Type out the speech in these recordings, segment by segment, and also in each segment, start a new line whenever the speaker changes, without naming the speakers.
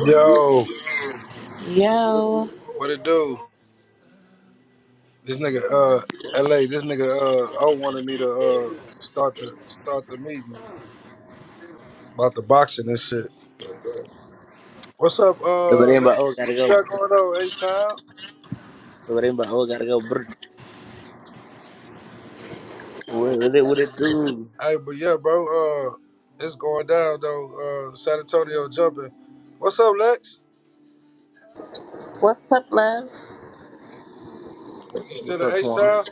Yo,
Yo,
what it do? This nigga, uh, LA, this nigga, uh, O wanted me to, uh, start the, start the meeting about the boxing and shit. What's up,
The
uh,
Rainbow O
Lex?
gotta
What you
go.
got going on, H-Town?
The Rainbow O gotta go. Brr. What, what, it, what it do?
Hey, but yeah, bro, uh, it's going down, though, uh, San Antonio jumping. What's up, Lex?
what's up, love?
You
What's
still in
up, Twan?
H-Town?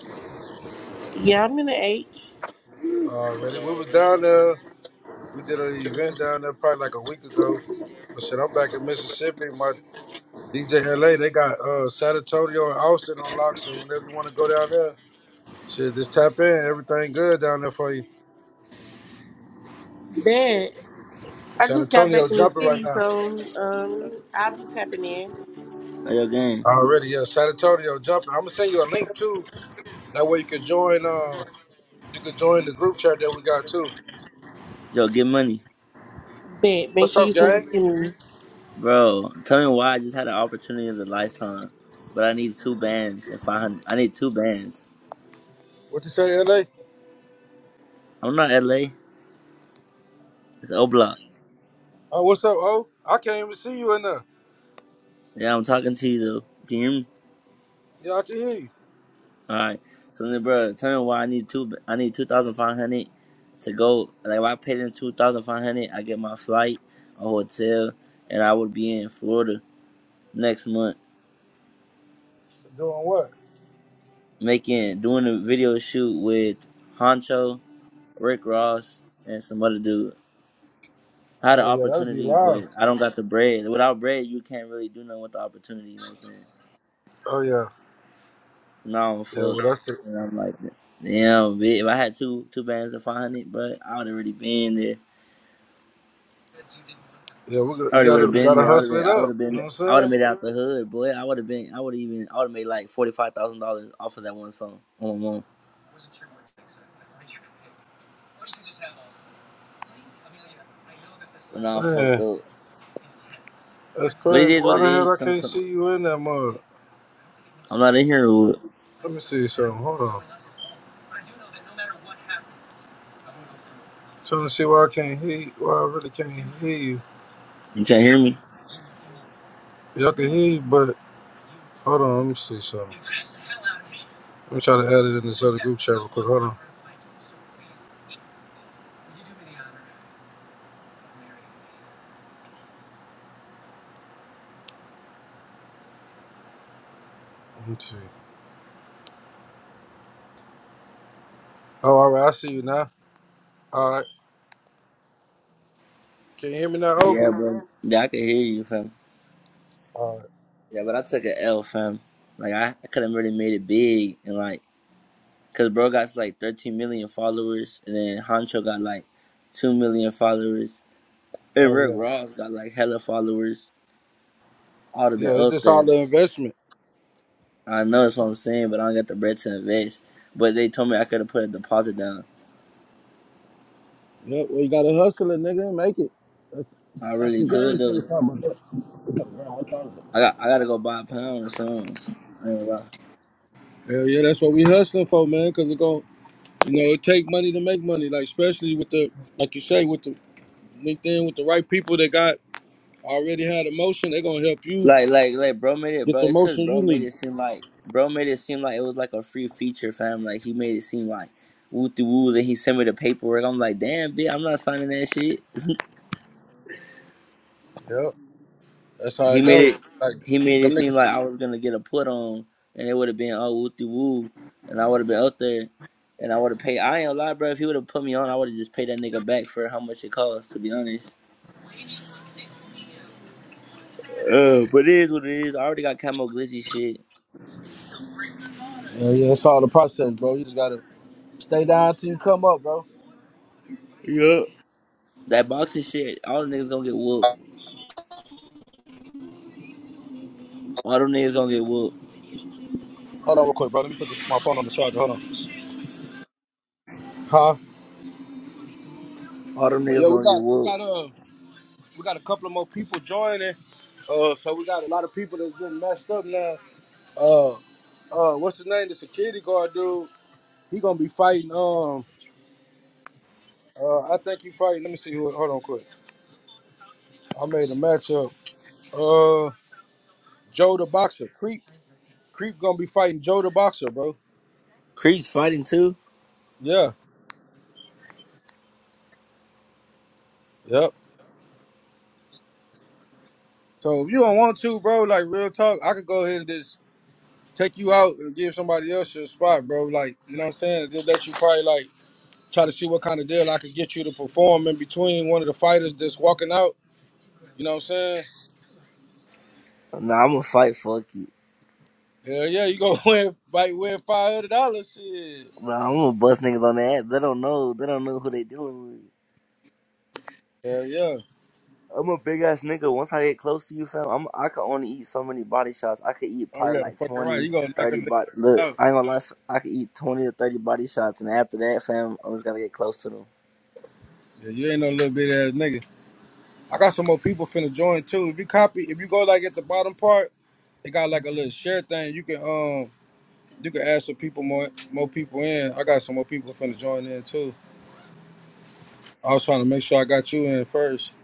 Yeah, I'm in the H.
Already, we was down there. We did an event down there probably like a week ago. But shit, I'm back in Mississippi. my. DJ LA, they got uh San Antonio and Austin on lock, so whenever you want to go down there, shit, just tap in. Everything good down there for you.
Bet. I
San
just got back
Antonio
in the
jumping right
city,
now.
so um, I'll be tapping in.
How your game?
Already, yeah. San Antonio jumping. I'm gonna send you a link too. That way you can join uh you can join the group chat that we got too.
Yo, get money.
Bet. Make
What's
sure
up,
you send it
gang?
to me.
Bro, tell me why I just had an opportunity of a lifetime, but I need two bands and 500. I need two bands.
What you say, LA?
I'm not LA. It's O Block.
Oh, what's up, O? I can't even see you in there.
Yeah, I'm talking to you, though. Can you hear me?
Yeah, I can hear you.
All right. So then, bro, tell me why I need two. I need 2500 to go. Like, if I paid in 2500 I get my flight, a hotel, and I would be in Florida next month.
Doing what?
making doing a video shoot with Honcho, Rick Ross, and some other dude. I had an
Oh yeah, that'd be
opportunity,
live.
but I don't got the bread. Without bread, you can't really do nothing with the opportunity. You know what I'm saying?
Oh yeah.
So now I'm
Yeah, well
fucked,
that's the
and I'm like, damn, bitch, if I had two two bands of 500, but I would have already been there.
yeah, we got,
I
you
already would have
gotta you
been
gotta
there. I would have
hustle
been.
it
I would
up.
have
You
been.
know what I'm
I would have
saying?
made it out the hood, boy. I would have been. I would have even. I would have made like forty five thousand dollars off of that one song on my mom. But now I'm fucked
Man,
up.
that's
But it
crazy.
is what
Why
it
the hell
is.
I
Some,
can't
some,
see you in that mug?
I'm not in here. You
Let me see something. Hold on. Trying to see why I can't hear you. Why I really can't hear you.
can't hear me.
Y'all can hear you, but hold on. Let me see something. Let me try to add it in this other group chat real quick. Hold on. Let me see. Oh, all right. I see you now. All right. Can you hear me now? Oh,
Yeah, bro. Yeah, I could hear you, fam.
all right.
Yeah, but I took an L, fam. Like I, I could have really made it big and like, cause bro got like 13 million followers, and then Hancho got like 2 million followers, and
Oh,
Rick
yeah.
Ross got like hella followers. I would have been
Yeah, it's
up
just
there.
all the
Like,
investment.
I know that's what I'm saying, but I don't got the bread to invest. But they told me I could have put a deposit down.
Yep. Well, you got to hustle it, nigga, and make it.
I really could though. I got I gotta go buy a pound or something. I ain't gonna lie.
Hell yeah, that's what we hustling for, man, because You know, it take money to make money. Like especially with the like you say with the LinkedIn with the right people that got already had emotion, they're gonna help you
Like, like, like, bro made it,
get
bro.
the
It's cause
motion
bro
you
made
need.
it seem like, bro made it seem like it was like a free feature, fam. Like he made it seem like woo to woo. Then he sent me the paperwork. I'm like, damn, bitch, I'm not signing that shit.
Yep, that's how
He
it
made
go.
it,
Like
he made it
them
seem like
niggas.
I was gonna get a put on, and it would have been oh woo to woo, and I would have been out there, and I would have paid. I ain't gonna lie, bro. If he would have put me on, I would have just paid that nigga back for how much it cost. To be honest, uh, but it is what it is. I already got camo glizzy shit.
Yeah, yeah, it's all the process, bro. You just gotta stay down till you come up, bro.
Yup. That boxing shit, all the niggas gonna get whooped. All them niggas gonna get whooped.
Hold on, real quick, bro. Let me put this, my phone on the charger. Hold on. Huh?
All them
But
niggas
yo, we
gonna get
got we
whooped.
got uh we got a couple of more people joining. Uh, so we got a lot of people that's getting messed up now. Uh, uh, what's his name? The security guard dude. He gonna be fighting. Um. Uh, I think you probably Let me see who. Hold on, quick. I made a matchup. Uh, Joe the boxer. Creep. Creep gonna be fighting Joe the boxer, bro.
Creeps fighting too?
Yeah. Yep. So if you don't want to, bro, like real talk, I could go ahead and just take you out and give somebody else your spot, bro. Like you know what I'm saying? Just let you probably like try to see what kind of deal I could get you to perform in between one of the fighters that's walking out. You know what I'm saying?
Nah, I'm gonna fight. Fuck you.
Hell yeah, you gonna win, might win five hundred dollars, shit.
Nah, I'm gonna bust niggas on their ass. They don't know. They don't know who they dealing with.
Hell yeah.
I'm a big ass nigga. Once I get close to you, fam, I'm I could only eat so many body shots. I could eat
Oh
probably
yeah,
like
fucking right.
twenty
You
to
gonna knock a
thirty
nigga
body.
out.
Look, I ain't gonna lie. I could eat twenty to thirty body shots, and after that, fam, I just gotta get close to them.
Yeah, you ain't no little bit ass nigga. I got some more people finna join too. If you copy, if you go like at the bottom part, it got like a little share thing. You can um you can add some people more more people in. I got some more people finna join in too. I was trying to make sure I got you in first.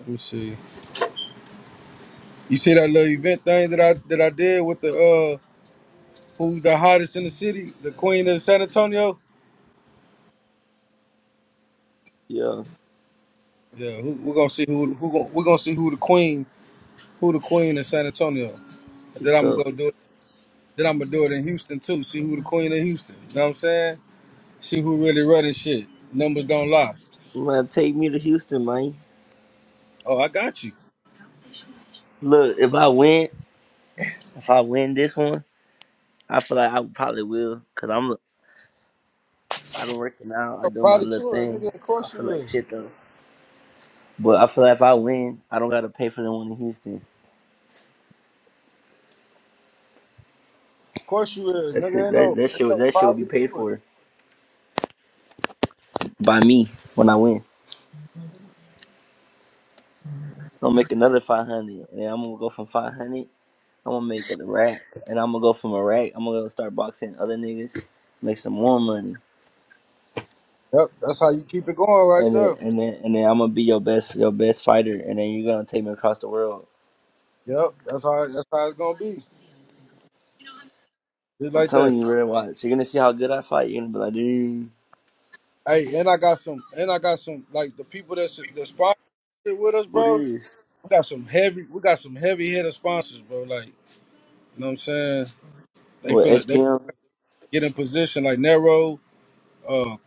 Let me see. You see that little event thing that I that I did with the uh who's the hottest in the city, the queen of San Antonio.
Yeah,
Yeah, who, we're gonna see who who gon- we're gonna see who the queen who the queen of San Antonio.
she
Then I'm
suck.
gonna go do it. Then I'm gonna do it in Houston too. See who the queen of Houston. You know what I'm saying? See who really running shit. Numbers don't lie.
Man, take me to Houston, man.
Oh, I got you.
Look, if I win, if I win this one, I feel like I probably will, cause I'm I've been working out. I
Oh,
do my
Probably to
little
it,
thing.
nigga. Of
I
course
feel
you
like
is.
shit
Of
though. But I feel like if I win, I don't gotta pay for the one in Houston.
course you is,
That
nigga.
shit,
Ain't
that
no,
that
ain't
shit,
no
that shit will be
probably
paid
to it.
for by me when I win. I'm gonna make another five hundred, and then I'm gonna go from five hundred. I'm gonna make a rack, and I'm gonna go from a rack. I'm gonna go start boxing other niggas, make some more money,
Yep, that's how you keep it going right
and then
there.
and then and then I'm gonna be your best your best fighter, and then you're gonna take me across the world.
Yep, that's how that's how it's gonna be. Just
I'm
like
telling
that.
you, real watch. You're gonna see how good I fight. You're gonna be like, dude,
Hey, and I got some, and I got some like the people that's that sponsor shit with us,
who
bro.
this?
We got some heavy, we got some heavy hitter sponsors, bro. Like, you know what I'm saying? They
What
finna they
SPM?
get in position like Nero. uh,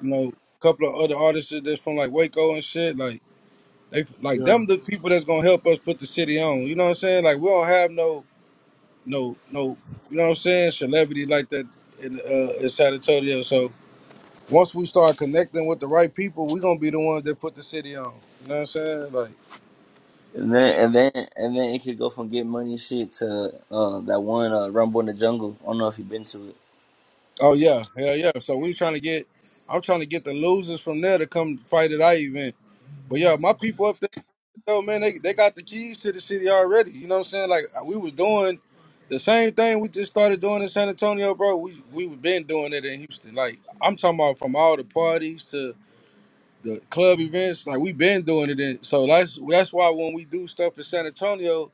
you know, a couple of other artists that's from like Waco and shit. Like they like
Yeah.
them the people that's gonna help us put the city on. You know what I'm saying? Like we don't have no no no you know what I'm saying, celebrity like that in uh in San Antonio. So once we start connecting with the right people, we gonna be the ones that put the city on. You know what I'm saying? Like
And then and then and then it could go from get money shit to uh that one uh Rumble in the Jungle. I don't know if you've been to it.
oh yeah, hell yeah. So we trying to get I'm trying to get the losers from there to come fight at our event. But yeah, my people up there. Yo, man, they, they got the keys to the city already. You know what I'm saying? Like uh, we was doing the same thing we just started doing in San Antonio, bro. We we been doing it in Houston. Like I'm talking about from all the parties to the club events. Like we been doing it in. So that's that's why when we do stuff in San Antonio,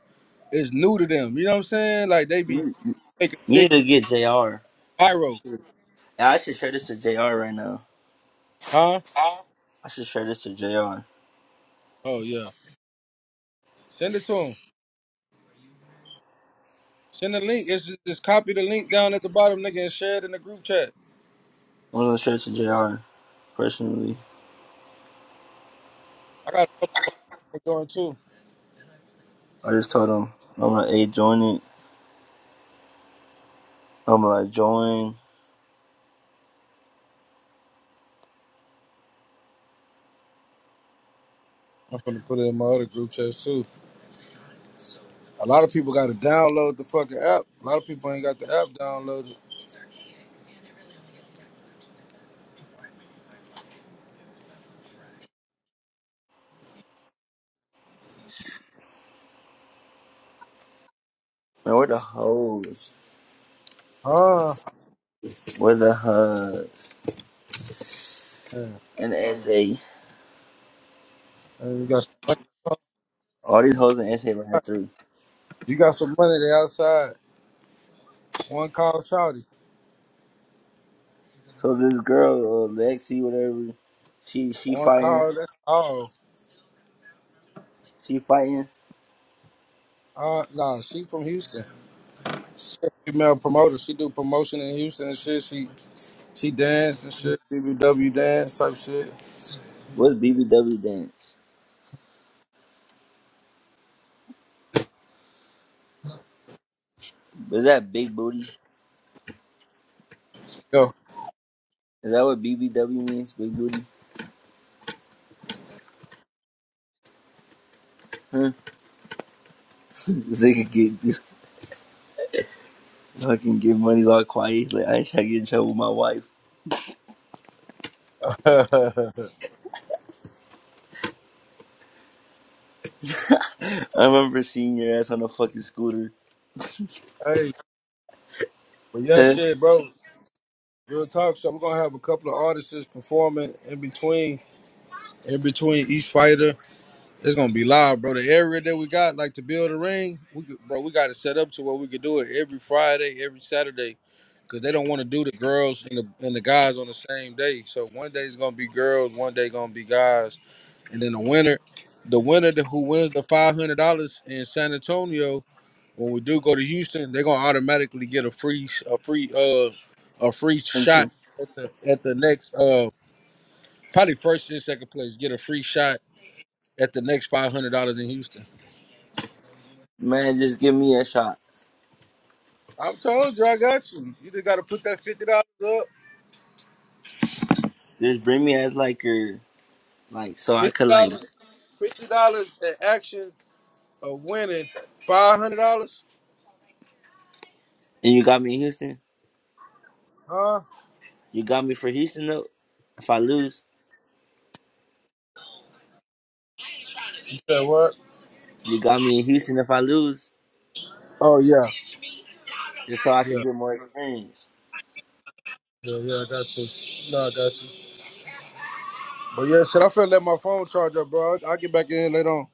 it's new to them. You know what I'm saying? Like they be
Mm.
making
You need
big deal
to get JR. I
viral,
should, I should share this to JR right now.
huh?
I should share this to JR. I'm
Oh yeah, send it to them. Send the link. It's just, just copy the link down at the bottom, nigga, and share it in the group chat.
gonna share this to JR personally.
I got a couple of going too.
I just told him I'm like, hey, join it. I'm like, join.
I'm gonna put it in my other group chat too. A lot of people got to download the fucking app. A lot of people ain't got the app downloaded.
Man, where the hoes?
Ah,
Where the hug?
man.
And the SA.
Man, you got some money.
All these hoes in SA ran through.
You got some money there outside. One call, Shawty.
So this girl, uh, Lexi, whatever, she she
One
fighting.
call. That's all.
She fighting.
Uh, nah, she from Houston. She a female promoter. She do promotion in Houston and shit. She she dance and shit. BBW dance type shit.
What's BBW dance? Is that big booty?
Yo,
Is that what BBW means? Big booty? Huh? This nigga get fucking get money all quiet. He's like, I ain't trying to get in trouble with my wife.
hey,
I remember seeing your ass on a fucking scooter.
but yeah,
Huh?
shit, bro. Real talk show. We're gonna have a couple of artists performing in between in between each fighter. It's gonna be live, bro. The area that we got, like to build a ring, we could, bro, we got to set up to where we could do it every Friday, every Saturday, because they don't want to do the girls and the and the guys on the same day. So one day it's gonna be girls, one day gonna be guys, and then the winner, the winner that- who wins the five hundred dollars in San Antonio, when we do go to Houston, they're gonna automatically get a free a free uh a free
And tr-
shot at the at the next uh probably first and second place get a free shot at the next five hundred dollars in Houston.
Man, just give me a shot.
I'm told you, I got you. You just got to put that fifty dollars up.
Just bring me as like your like so I
Fifty
could like
dollars, fifty dollars in action of winning five hundred dollars.
and you got me in Houston?
Huh?
You got me for Houston though? If I lose,
You said what?
you got me in Houston if I lose.
Oh yeah,
Just so I
yeah,
could get more experience.
yeah, yeah. I got you. No, I got you. But yeah, shit, I finna let my phone charge up, bro. I'll I'll get back in later on.